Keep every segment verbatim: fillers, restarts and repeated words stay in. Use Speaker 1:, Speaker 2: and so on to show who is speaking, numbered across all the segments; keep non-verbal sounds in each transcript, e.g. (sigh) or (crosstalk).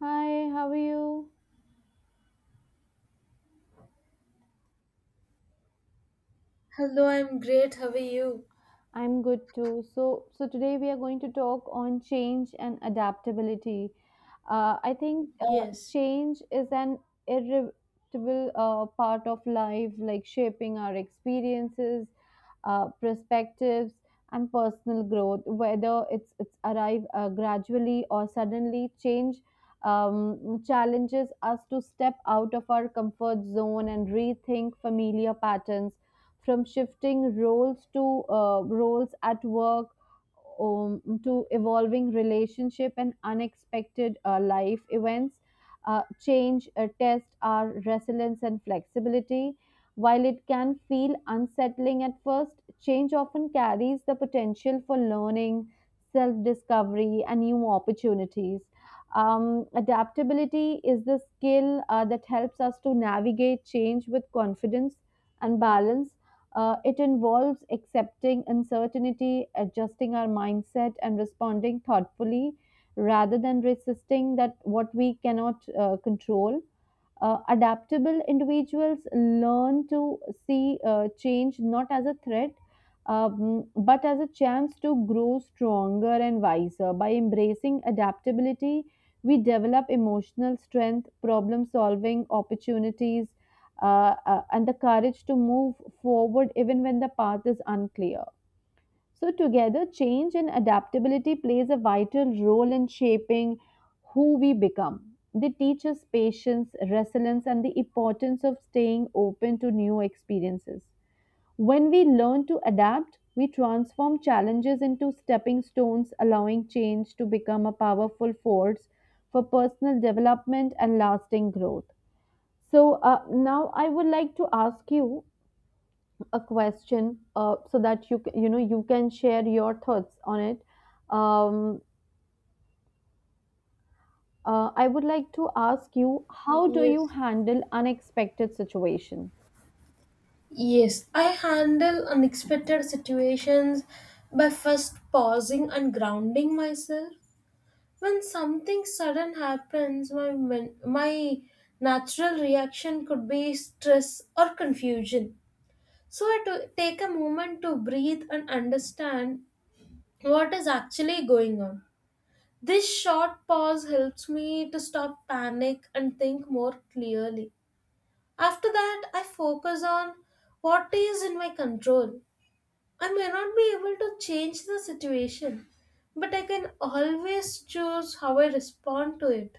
Speaker 1: Hi, how are you?
Speaker 2: Hello, I'm great. How are you?
Speaker 1: I'm good too. So, so today we are going to talk on change and adaptability. Uh, I think uh,
Speaker 2: Yes,
Speaker 1: change is an irrevocable uh, part of life, like shaping our experiences, uh, perspectives, and personal growth. Whether it's it's arrive uh, gradually or suddenly, change um, challenges us to step out of our comfort zone and rethink familiar patterns, from shifting roles to uh, roles at work, um, to evolving relationship and unexpected uh, life events. Uh, change uh, test our resilience and flexibility. While it can feel unsettling at first, change often carries the potential for learning, self discovery and new opportunities. Um, adaptability is the skill uh, that helps us to navigate change with confidence and balance. Uh, it involves accepting uncertainty, adjusting our mindset, and responding thoughtfully rather than resisting that what we cannot uh, control. Uh, adaptable individuals learn to see uh, change not as a threat, um, but as a chance to grow stronger and wiser. By embracing adaptability, we develop emotional strength, problem solving opportunities, uh, uh, and the courage to move forward even when the path is unclear. So together, change and adaptability plays a vital role in shaping who we become. They teach us patience, resilience and the importance of staying open to new experiences. When we learn to adapt, we transform challenges into stepping stones, allowing change to become a powerful force for personal development and lasting growth. So, uh, now I would like to ask you a question uh, so that you c- you know you can share your thoughts on it. Um, uh, I would like to ask you, how do you
Speaker 2: yes,
Speaker 1: handle unexpected situation?
Speaker 2: yes. I handle unexpected situations by first pausing and grounding myself. When something sudden happens, my men- my natural reaction could be stress or confusion. So I to take a moment to breathe and understand what is actually going on. This short pause helps me to stop panic and think more clearly. After that, I focus on what is in my control. I may not be able to change the situation, but I can always choose how I respond to it.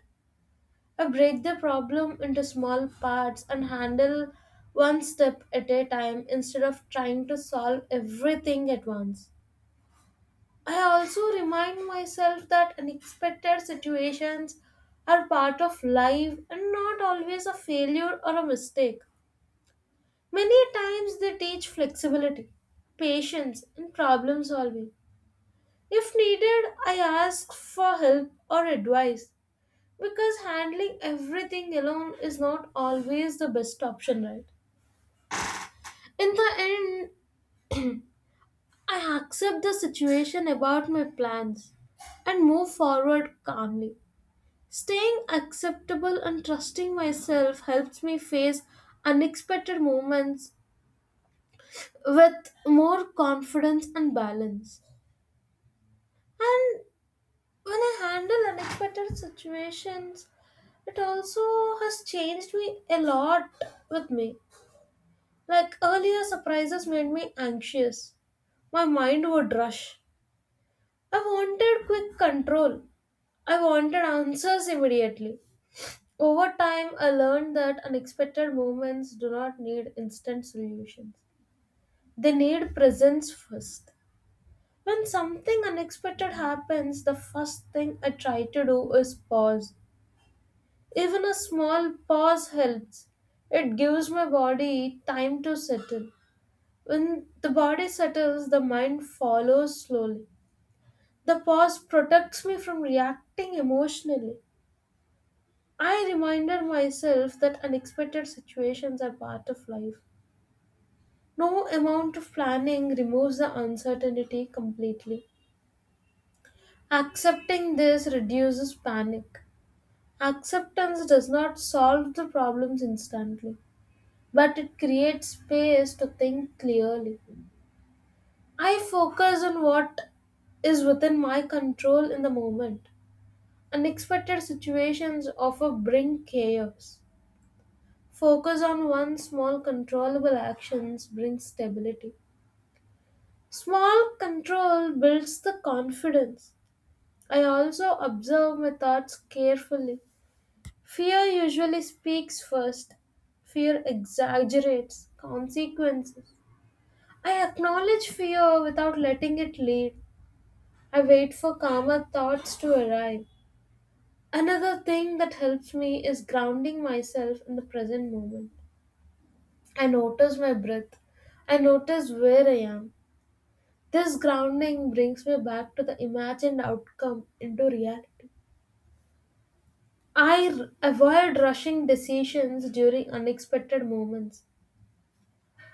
Speaker 2: I break the problem into small parts and handle one step at a time instead of trying to solve everything at once. I also remind myself that unexpected situations are part of life and not always a failure or a mistake. Many times they teach flexibility, patience, and problem solving. If needed, I ask for help or advice because handling everything alone is not always the best option, right? In the end, I accept the situation about my plans and move forward calmly. Staying acceptable and trusting myself helps me face unexpected moments with more confidence and balance. And when I handle unexpected situations, it also has changed me a lot with me. Like earlier, surprises made me anxious. My mind would rush. I wanted quick control. I wanted answers immediately. Over time, I learned that unexpected moments do not need instant solutions. They need presence first. When something unexpected happens, the first thing I try to do is pause. Even a small pause helps. It gives my body time to settle. When the body settles, the mind follows slowly. The pause protects me from reacting emotionally. I reminded myself that unexpected situations are part of life. No amount of planning removes the uncertainty completely. Accepting this reduces panic. Acceptance does not solve the problems instantly, but it creates space to think clearly. I focus on what is within my control in the moment. Unexpected situations often bring chaos. Focus on one small controllable actions brings stability. Small control builds the confidence. I also observe my thoughts carefully. Fear usually speaks first. Fear exaggerates consequences. I acknowledge fear without letting it lead. I wait for calmer thoughts to arrive. Another thing that helps me is grounding myself in the present moment. I notice my breath. I notice where I am. This grounding brings me back to the imagined outcome into reality. I r- avoid rushing decisions during unexpected moments.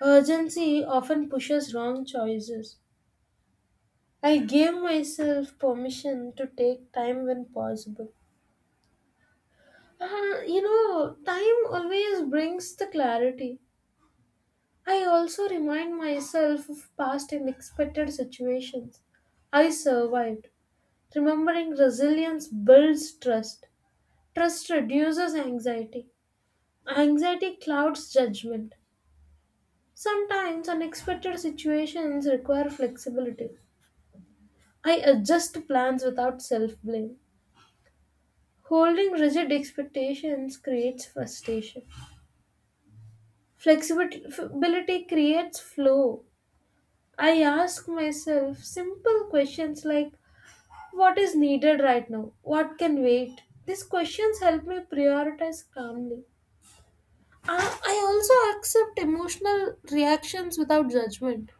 Speaker 2: Urgency often pushes wrong choices. I gave myself permission to take time when possible. Uh, you know, time always brings the clarity. I also remind myself of past unexpected situations. I survived. Remembering resilience builds trust. Trust reduces anxiety. Anxiety clouds judgment. Sometimes unexpected situations require flexibility. I adjust plans without self blame. Holding rigid expectations creates frustration. Flexibility creates flow. I ask myself simple questions like what is needed right now? What can wait? These questions help me prioritize calmly. I I also accept emotional reactions without judgment.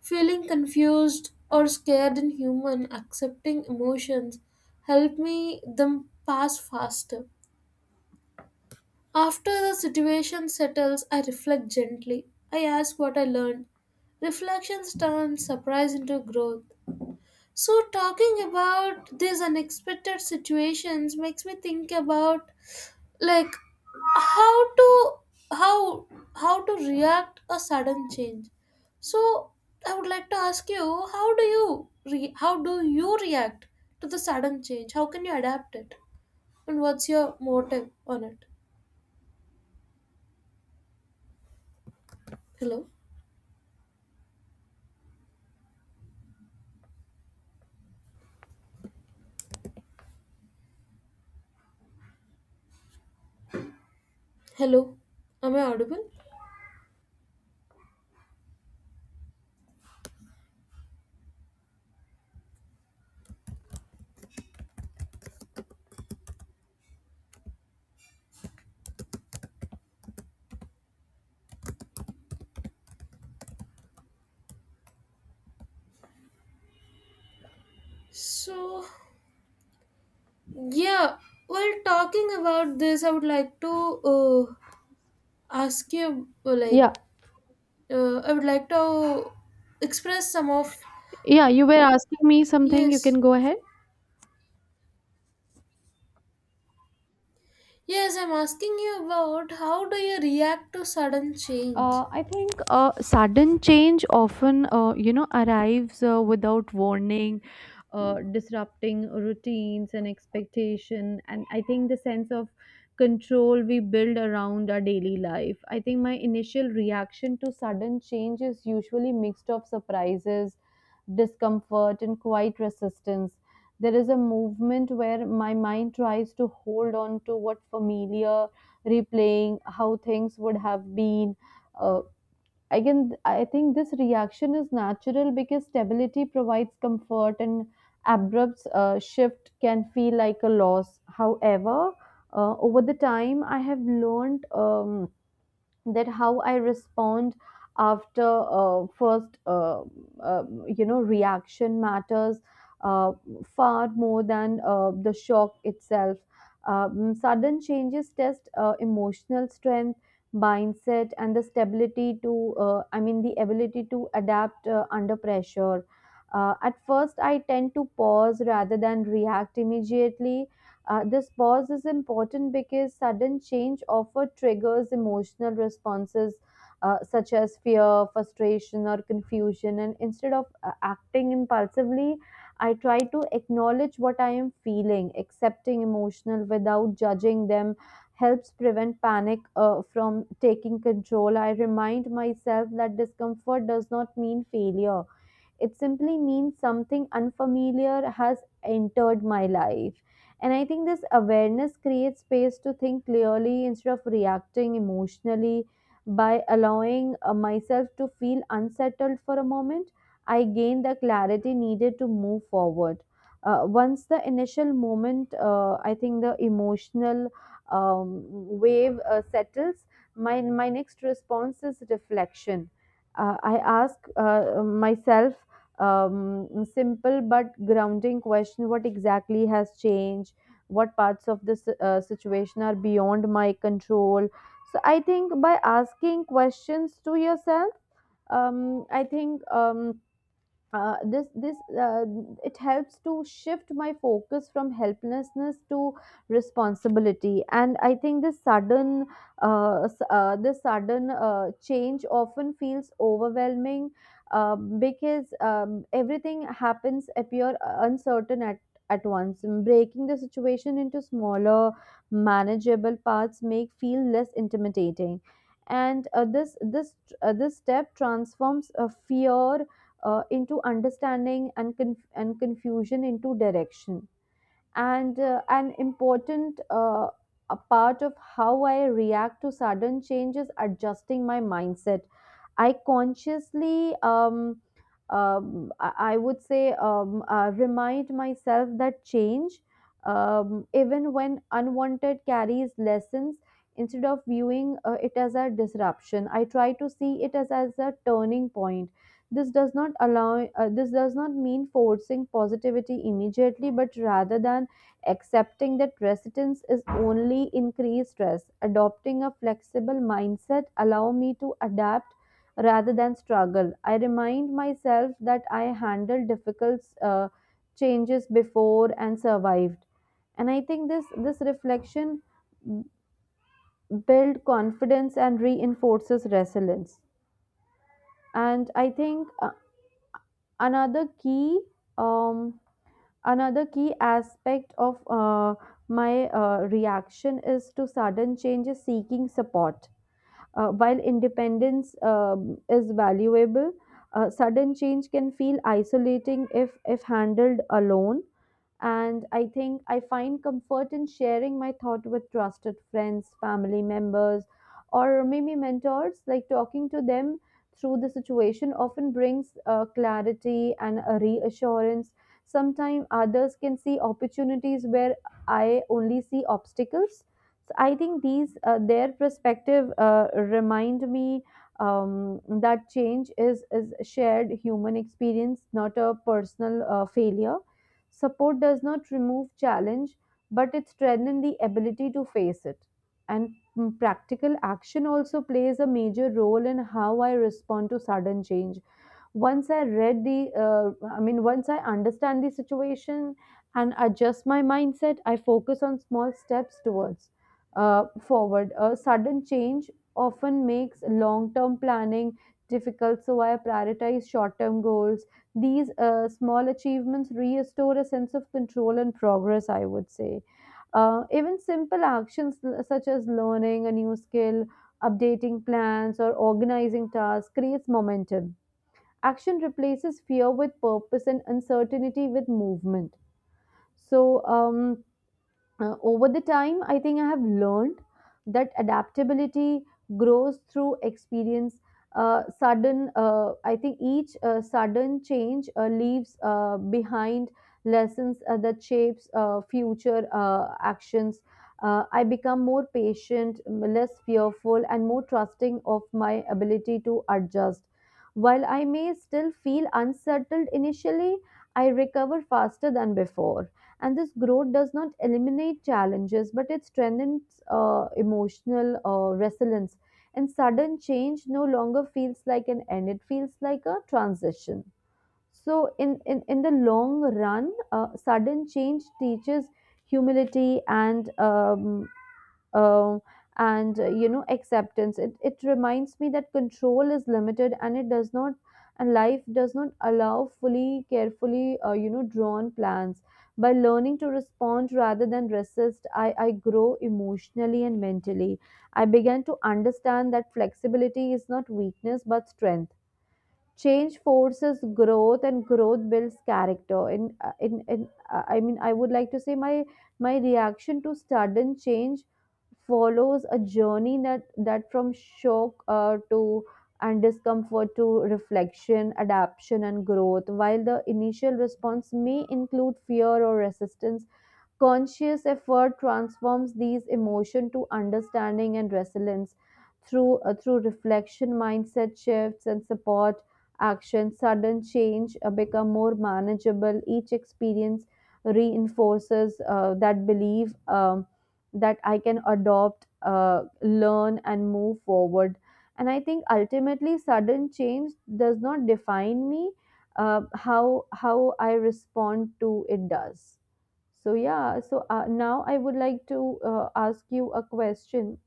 Speaker 2: Feeling confused or scared in human, accepting emotions help me them pass faster. After the situation settles, I reflect gently. I ask what I learned. Reflections turn surprise into growth. So, talking about these unexpected situations makes me think about like how to how how to react a sudden change. So, I would like to ask you, how do you re- how do you react to the sudden change? How can you adapt it? And what's your motive on it? Hello. Hello, am I audible? So, yeah, while talking about this, I would like to uh, ask you, uh, like,
Speaker 1: Yeah.
Speaker 2: uh, I would like to express some of.
Speaker 1: Yeah, you were asking me something. You can
Speaker 2: Yes,
Speaker 1: go ahead.
Speaker 2: yes, I'm asking you about how do you react to sudden change?
Speaker 1: Uh, I think uh, sudden change often, uh, you know, arrives uh, without warning, uh, disrupting routines and expectation. And I think the sense of control we build around our daily life. I think my initial reaction to sudden change is usually mixed of surprises, discomfort, and quiet resistance. There is a movement where my mind tries to hold on to what familiar, replaying how things would have been. Uh, I I think this reaction is natural because stability provides comfort, and abrupt uh, shift can feel like a loss. However, uh, over the time, I have learned Um, that how I respond after uh, first uh, uh, you know reaction matters uh, far more than uh, the shock itself. Um, sudden changes test uh, emotional strength, mindset and the stability to uh, I mean the ability to adapt uh, under pressure. Uh, at first I tend to pause rather than react immediately. Uh, this pause is important because sudden change often triggers emotional responses, uh, such as fear, frustration, or confusion. And instead of uh, acting impulsively, I try to acknowledge what I am feeling. Accepting emotional without judging them helps prevent panic uh, from taking control. I remind myself that discomfort does not mean failure. It simply means something unfamiliar has entered my life. And I think this awareness creates space to think clearly instead of reacting emotionally. By allowing uh, myself to feel unsettled for a moment, I gain the clarity needed to move forward. Uh, once the initial moment, uh, I think the emotional um, wave uh, settles, my, my next response is reflection. Uh, I ask uh, myself um, simple but grounding question. What exactly has changed? What parts of this uh, situation are beyond my control? So I think by asking questions to yourself, um, I think um, uh, this this uh, it helps to shift my focus from helplessness to responsibility. And I think this sudden uh, s- uh, this sudden uh, change often feels overwhelming, um, because um, everything happens appear uh, uncertain at at once. And breaking the situation into smaller manageable parts make feel less intimidating. And uh, this this uh, this step transforms uh, fear uh, into understanding, and conf- and confusion into direction. And uh, an important uh, a part of how I react to sudden change is adjusting my mindset. I consciously um, um, I I would say, um, uh, remind myself that change, um, even when unwanted, carries lessons. Instead of viewing uh, it as a disruption, I try to see it as, as a turning point. This does not allow. Uh, this does not mean forcing positivity immediately, but rather than accepting that resistance is only increased stress, adopting a flexible mindset allow me to adapt rather than struggle. I remind myself that I handled difficult uh, changes before and survived. And I think this this reflection b- build confidence and reinforces resilience. And I think uh, another key um, another key aspect of uh, my uh, reaction is to sudden changes seeking support. Uh, while independence um, is valuable, uh, sudden change can feel isolating if, if handled alone. And I think I find comfort in sharing my thought with trusted friends, family members, or maybe mentors. Like talking to them through the situation often brings uh, clarity and a reassurance. Sometimes others can see opportunities where I only see obstacles. So I think these uh, their perspective uh, remind me um, that change is is a shared human experience, not a personal uh, failure. Support does not remove challenge, but it strengthens the ability to face it. And mm, practical action also plays a major role in how I respond to sudden change. Once i read the uh, i mean once I understand the situation and adjust my mindset, I focus on small steps towards uh, forward. A sudden change often makes long term planning difficult, so I prioritize short term goals. These uh, small achievements restore a sense of control and progress, I would say. Uh, even simple actions, l- such as learning a new skill, updating plans or organizing tasks, creates momentum. Action replaces fear with purpose and uncertainty with movement. So, um, uh, over the time I think I have learned that adaptability grows through experience. Uh, sudden uh, I think Each uh, sudden change uh, leaves uh, behind lessons uh, that shapes uh, future uh, actions. uh, I become more patient, m- less fearful and more trusting of my ability to adjust. While I may still feel unsettled initially, I recover faster than before. And this growth does not eliminate challenges, but it strengthens uh, emotional uh, resilience. And sudden change no longer feels like an end. It feels like a transition. So in in, in the long run, uh, sudden change teaches humility and um, um, and uh, you know acceptance. It, it reminds me that control is limited and it does not and life does not allow fully carefully uh, you know drawn plans. By learning to respond rather than resist, I, I grow emotionally and mentally. I began to understand that flexibility is not weakness but strength. Change forces growth and growth builds character. In uh, in, in uh, I mean I would like to say my my reaction to sudden change follows a journey, that that from shock uh, to and discomfort to reflection, adaptation and growth. While the initial response may include fear or resistance, conscious effort transforms these emotions to understanding and resilience. Through uh, through reflection, mindset shifts, and support action, sudden change uh, become more manageable. Each experience reinforces uh, that belief um, that I can adopt, uh, learn, and move forward. And I think ultimately, sudden change does not define me. Uh, how how I respond to it does. So yeah, so uh, now I would like to uh, ask you a question.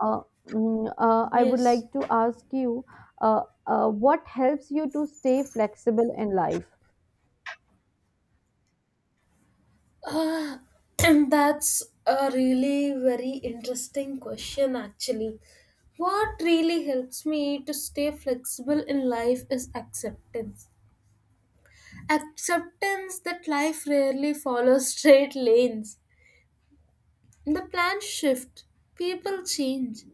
Speaker 1: Uh, mm, uh, I would
Speaker 2: Yes.
Speaker 1: like to ask you, uh, uh, what helps you to stay flexible in life?
Speaker 2: Uh, (clears throat) that's a really very interesting question, actually. What really helps me to stay flexible in life is acceptance. Acceptance that life rarely follows straight lanes. The plans shift, people change,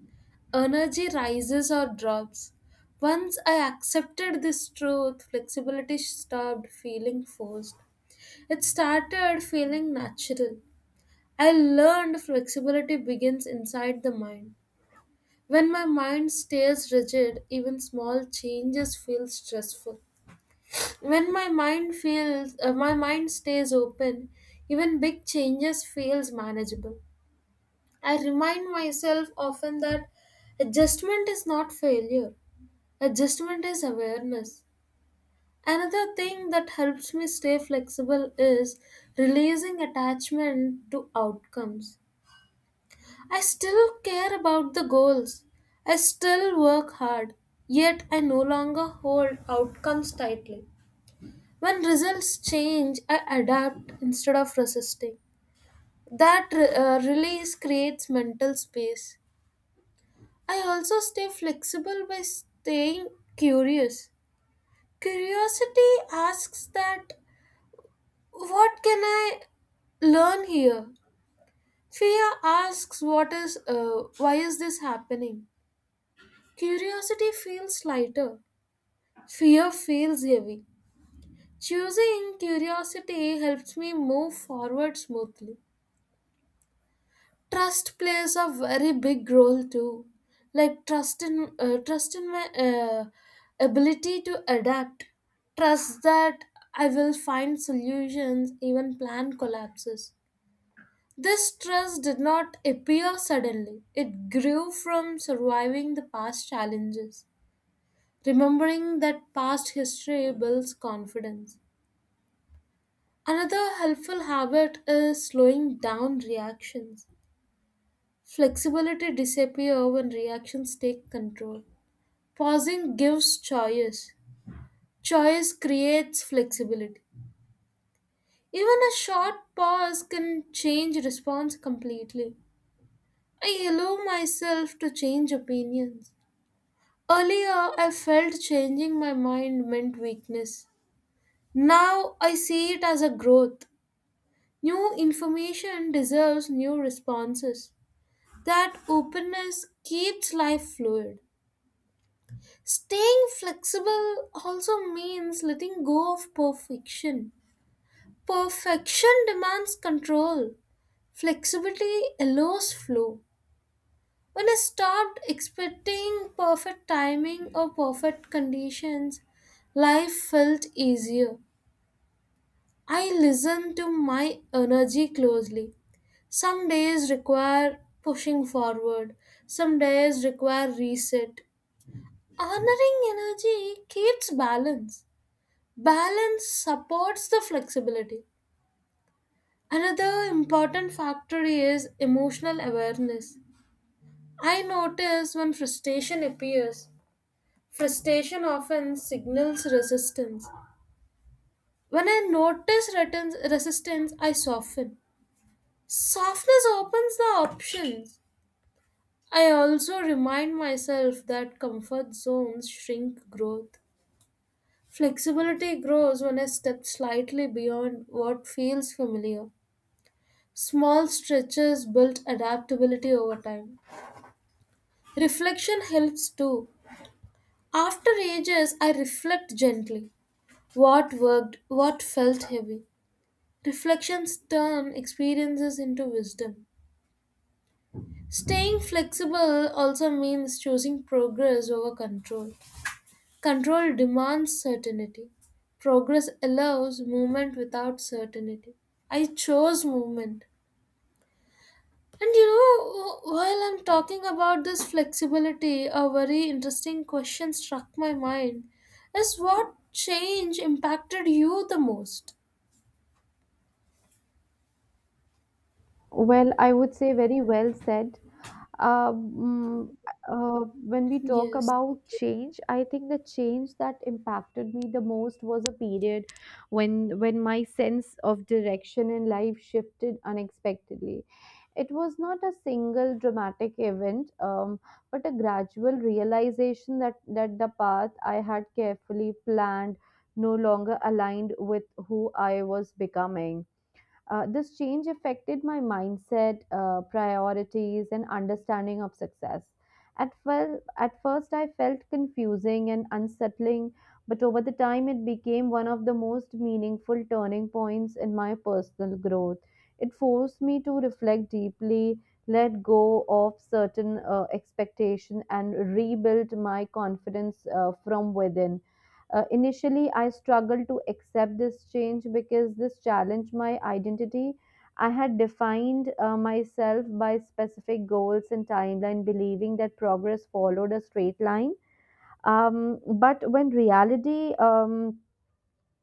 Speaker 2: energy rises or drops. Once I accepted this truth, flexibility stopped feeling forced. It started feeling natural. I learned flexibility begins inside the mind. When my mind stays rigid, even small changes feel stressful. when my mind feels uh, my mind stays open, even big changes feels manageable. I remind myself often that adjustment is not failure. Adjustment is awareness. Another thing that helps me stay flexible is releasing attachment to outcomes. I still care about the goals. I still work hard, yet I no longer hold outcomes tightly. When results change, I adapt instead of resisting. That uh, release creates mental space. I also stay flexible by staying curious. Curiosity asks that what can I learn here? Fear asks what is uh, why is this happening? Curiosity feels lighter. Fear feels heavy. Choosing curiosity helps me move forward smoothly. Trust plays a very big role too, like trust in uh, trust in my uh, ability to adapt, trust that I will find solutions even plan collapses. This trust did not appear suddenly. It grew from surviving the past challenges. Remembering that past history builds confidence. Another helpful habit is slowing down reactions. Flexibility disappear when reactions take control. Pausing gives choice. Choice creates flexibility. Even a short pause can change response completely. I allow myself to change opinions. Earlier, I felt changing my mind meant weakness. Now, I see it as a growth. New information deserves new responses. That openness keeps life fluid. Staying flexible also means letting go of perfection. Perfection demands control. Flexibility allows flow. When I start expecting perfect timing or perfect conditions, life felt easier. I listen to my energy closely. Some days require pushing forward, some days require reset. Honoring energy keeps balance. Balance supports the flexibility. Another important factor is emotional awareness. I notice when frustration appears, frustration often signals resistance. When I notice retin- resistance, I soften. Softness opens the options. I also remind myself that comfort zones shrink growth. Flexibility grows when I step slightly beyond what feels familiar. Small stretches built adaptability over time. Reflection helps too. After ages, I reflect gently. What worked, what felt heavy. Reflections turn experiences into wisdom. Staying flexible also means choosing progress over control. Control demands certainty. Progress allows movement without certainty. I chose movement. And you know, while I'm talking about this flexibility, a very interesting question struck my mind is what change impacted you the most?
Speaker 1: Well, I would say very well said. uh, mm, uh, when we talk
Speaker 2: Yes, thank
Speaker 1: about
Speaker 2: you.
Speaker 1: change, I think the change that impacted me the most was a period when when my sense of direction in life shifted unexpectedly. It was not a single dramatic event, um, but a gradual realization that that the path I had carefully planned no longer aligned with who I was becoming. Uh, this change affected my mindset, uh, priorities, and understanding of success. At, fel- at first, I felt confusing and unsettling, but over the time, it became one of the most meaningful turning points in my personal growth. It forced me to reflect deeply, let go of certain uh, expectation, and rebuild my confidence uh, from within. Uh, initially, I struggled to accept this change because this challenged my identity. I had defined uh, myself by specific goals and timeline, believing that progress followed a straight line. Um, but when reality um,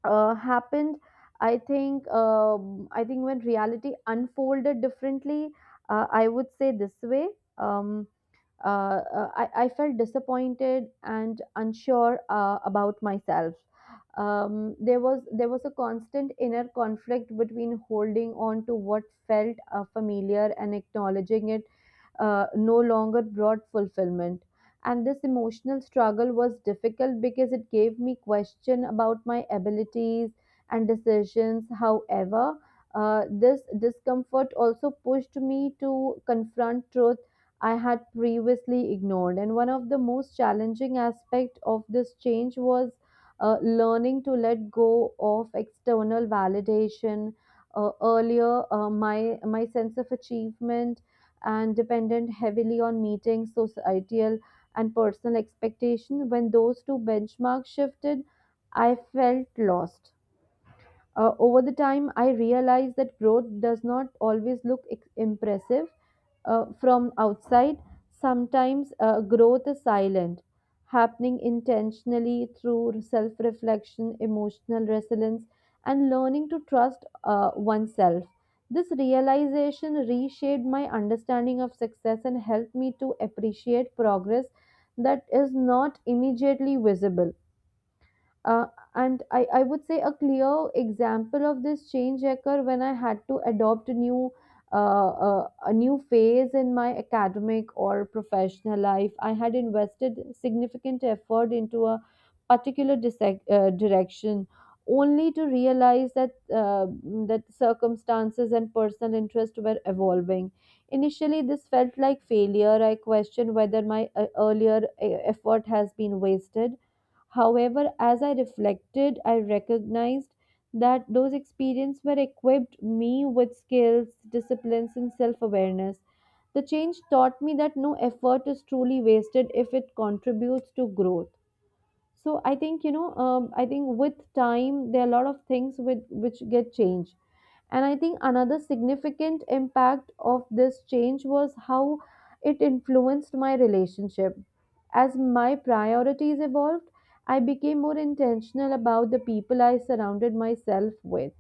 Speaker 1: uh, happened, I think um, I think when reality unfolded differently, uh, I would say this way. Um, uh, uh, I, I felt disappointed and unsure uh, about myself. Um, there was there was a constant inner conflict between holding on to what felt uh, familiar and acknowledging it uh, no longer brought fulfillment. And this emotional struggle was difficult because it gave me question about my abilities and decisions. However, uh, this discomfort also pushed me to confront truth I had previously ignored. And one of the most challenging aspects of this change was uh, learning to let go of external validation. Uh, earlier, uh, my my sense of achievement and dependent heavily on meeting societal and personal expectation. When those two benchmarks shifted, I felt lost. Uh, over the time, I realized that growth does not always look ex- impressive uh, from outside. Sometimes uh, growth is silent, happening intentionally through self reflection, emotional resilience, and learning to trust uh, oneself. This realization reshaped my understanding of success and helped me to appreciate progress that is not immediately visible. Uh, and I, I would say a clear example of this change occurred when I had to adopt a new uh, uh, a new phase in my academic or professional life. I had invested significant effort into a particular dissec- uh, direction, only to realize that uh, that circumstances and personal interest were evolving. Initially, this felt like failure. I questioned whether my uh, earlier uh, effort has been wasted. However, as I reflected, I recognized that those experiences were equipped me with skills, disciplines, and self awareness. The change taught me that no effort is truly wasted if it contributes to growth. so i think you know um, i think with time there are a lot of things with which get changed, and I think another significant impact of this change was how it influenced my relationship. As my priorities evolved, I became more intentional about the people I surrounded myself with.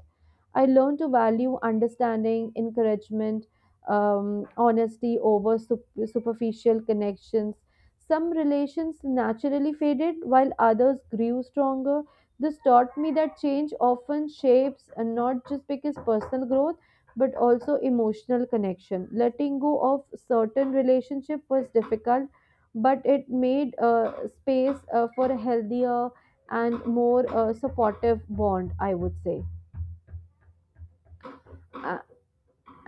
Speaker 1: I learned to value understanding, encouragement, um, honesty over sup- superficial connections. Some relations naturally faded while others grew stronger. This taught me that change often shapes, and not just because personal growth, but also emotional connection. Letting go of certain relationship was difficult, but it made uh, space uh, for a healthier and more uh, supportive bond, I would say. Uh,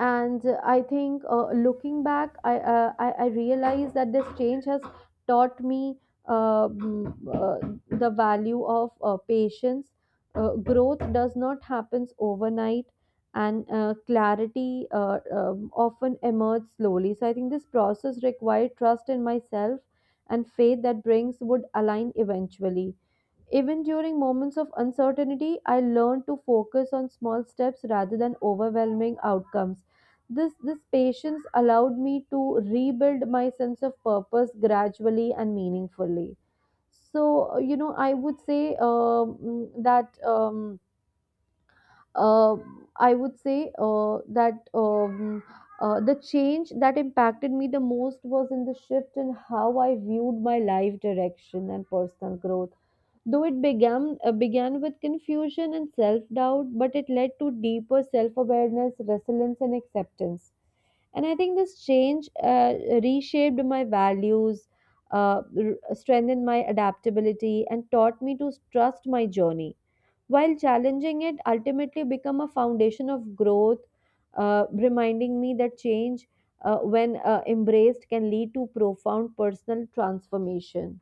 Speaker 1: and uh, i think uh, looking back I, uh, I I realize that this change has taught me uh, mm, uh, the value of uh, patience. Uh, growth does not happen overnight, and uh, clarity uh, um, often emerges slowly. So I think this process required trust in myself and faith that brings would align eventually. Even during moments of uncertainty, I learned to focus on small steps rather than overwhelming outcomes. This, this patience allowed me to rebuild my sense of purpose gradually and meaningfully. So, uh, you know, I would say um, mm, that. Um, uh, I would say uh, that um, uh, the change that impacted me the most was in the shift in how I viewed my life direction and personal growth. Though it began, uh, began with confusion and self doubt, but it led to deeper self awareness, resilience, and acceptance. And I think this change uh, reshaped my values, uh, r- strengthened my adaptability, and taught me to trust my journey. While challenging it, ultimately become a foundation of growth, uh, reminding me that change, uh, when uh, embraced, can lead to profound personal transformation.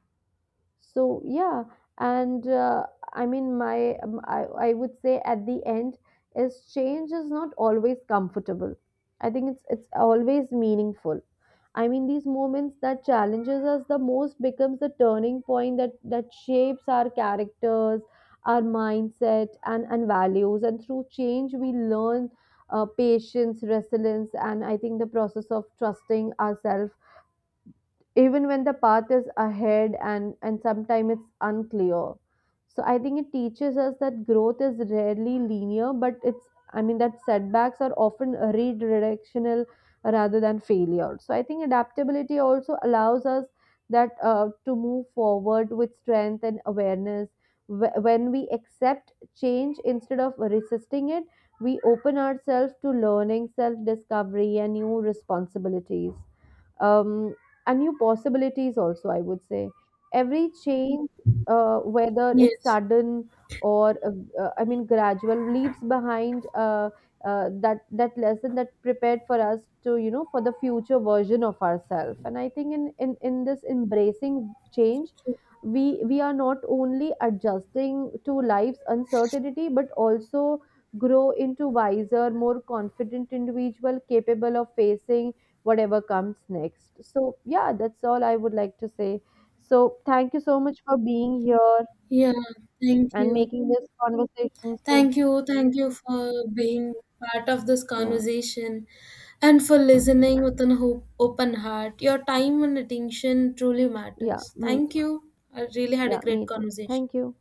Speaker 1: So yeah, and uh, I mean my um, I, I would say at the end is change is not always comfortable. I think it's it's always meaningful. I mean these moments that challenges us the most becomes the turning point that that shapes our characters, our mindset, and and values, and through change we learn uh, patience, resilience, and I think the process of trusting ourselves even when the path is ahead, and and sometimes it's unclear. So I think it teaches us that growth is rarely linear, but it's, I mean, that setbacks are often redirectional rather than failure. So I think adaptability also allows us that uh, to move forward with strength and awareness. Wh- when we accept change instead of resisting it, we open ourselves to learning self discovery and new responsibilities, um, and new possibilities also, I would say. Every change, uh, whether it's
Speaker 2: Yes.
Speaker 1: sudden or uh, uh, I mean gradual, leaves behind uh, uh, that that lesson that prepared for us to, you know, for the future version of ourselves. And I think in, in in this embracing change, we we are not only adjusting to life's uncertainty but also grow into wiser more confident individual capable of facing whatever comes next. So, yeah, that's all I would like to say. So, thank you so much for being here
Speaker 2: Yeah, thank
Speaker 1: and
Speaker 2: you.
Speaker 1: making this conversation. So,
Speaker 2: Thank you. Thank you for being part of this
Speaker 1: yeah,
Speaker 2: conversation and for listening with an hope, open heart. Your time and attention truly
Speaker 1: yeah,
Speaker 2: matters.
Speaker 1: me
Speaker 2: Thank
Speaker 1: too.
Speaker 2: you. I really had a
Speaker 1: Yeah,
Speaker 2: great
Speaker 1: me too.
Speaker 2: conversation.
Speaker 1: Thank you.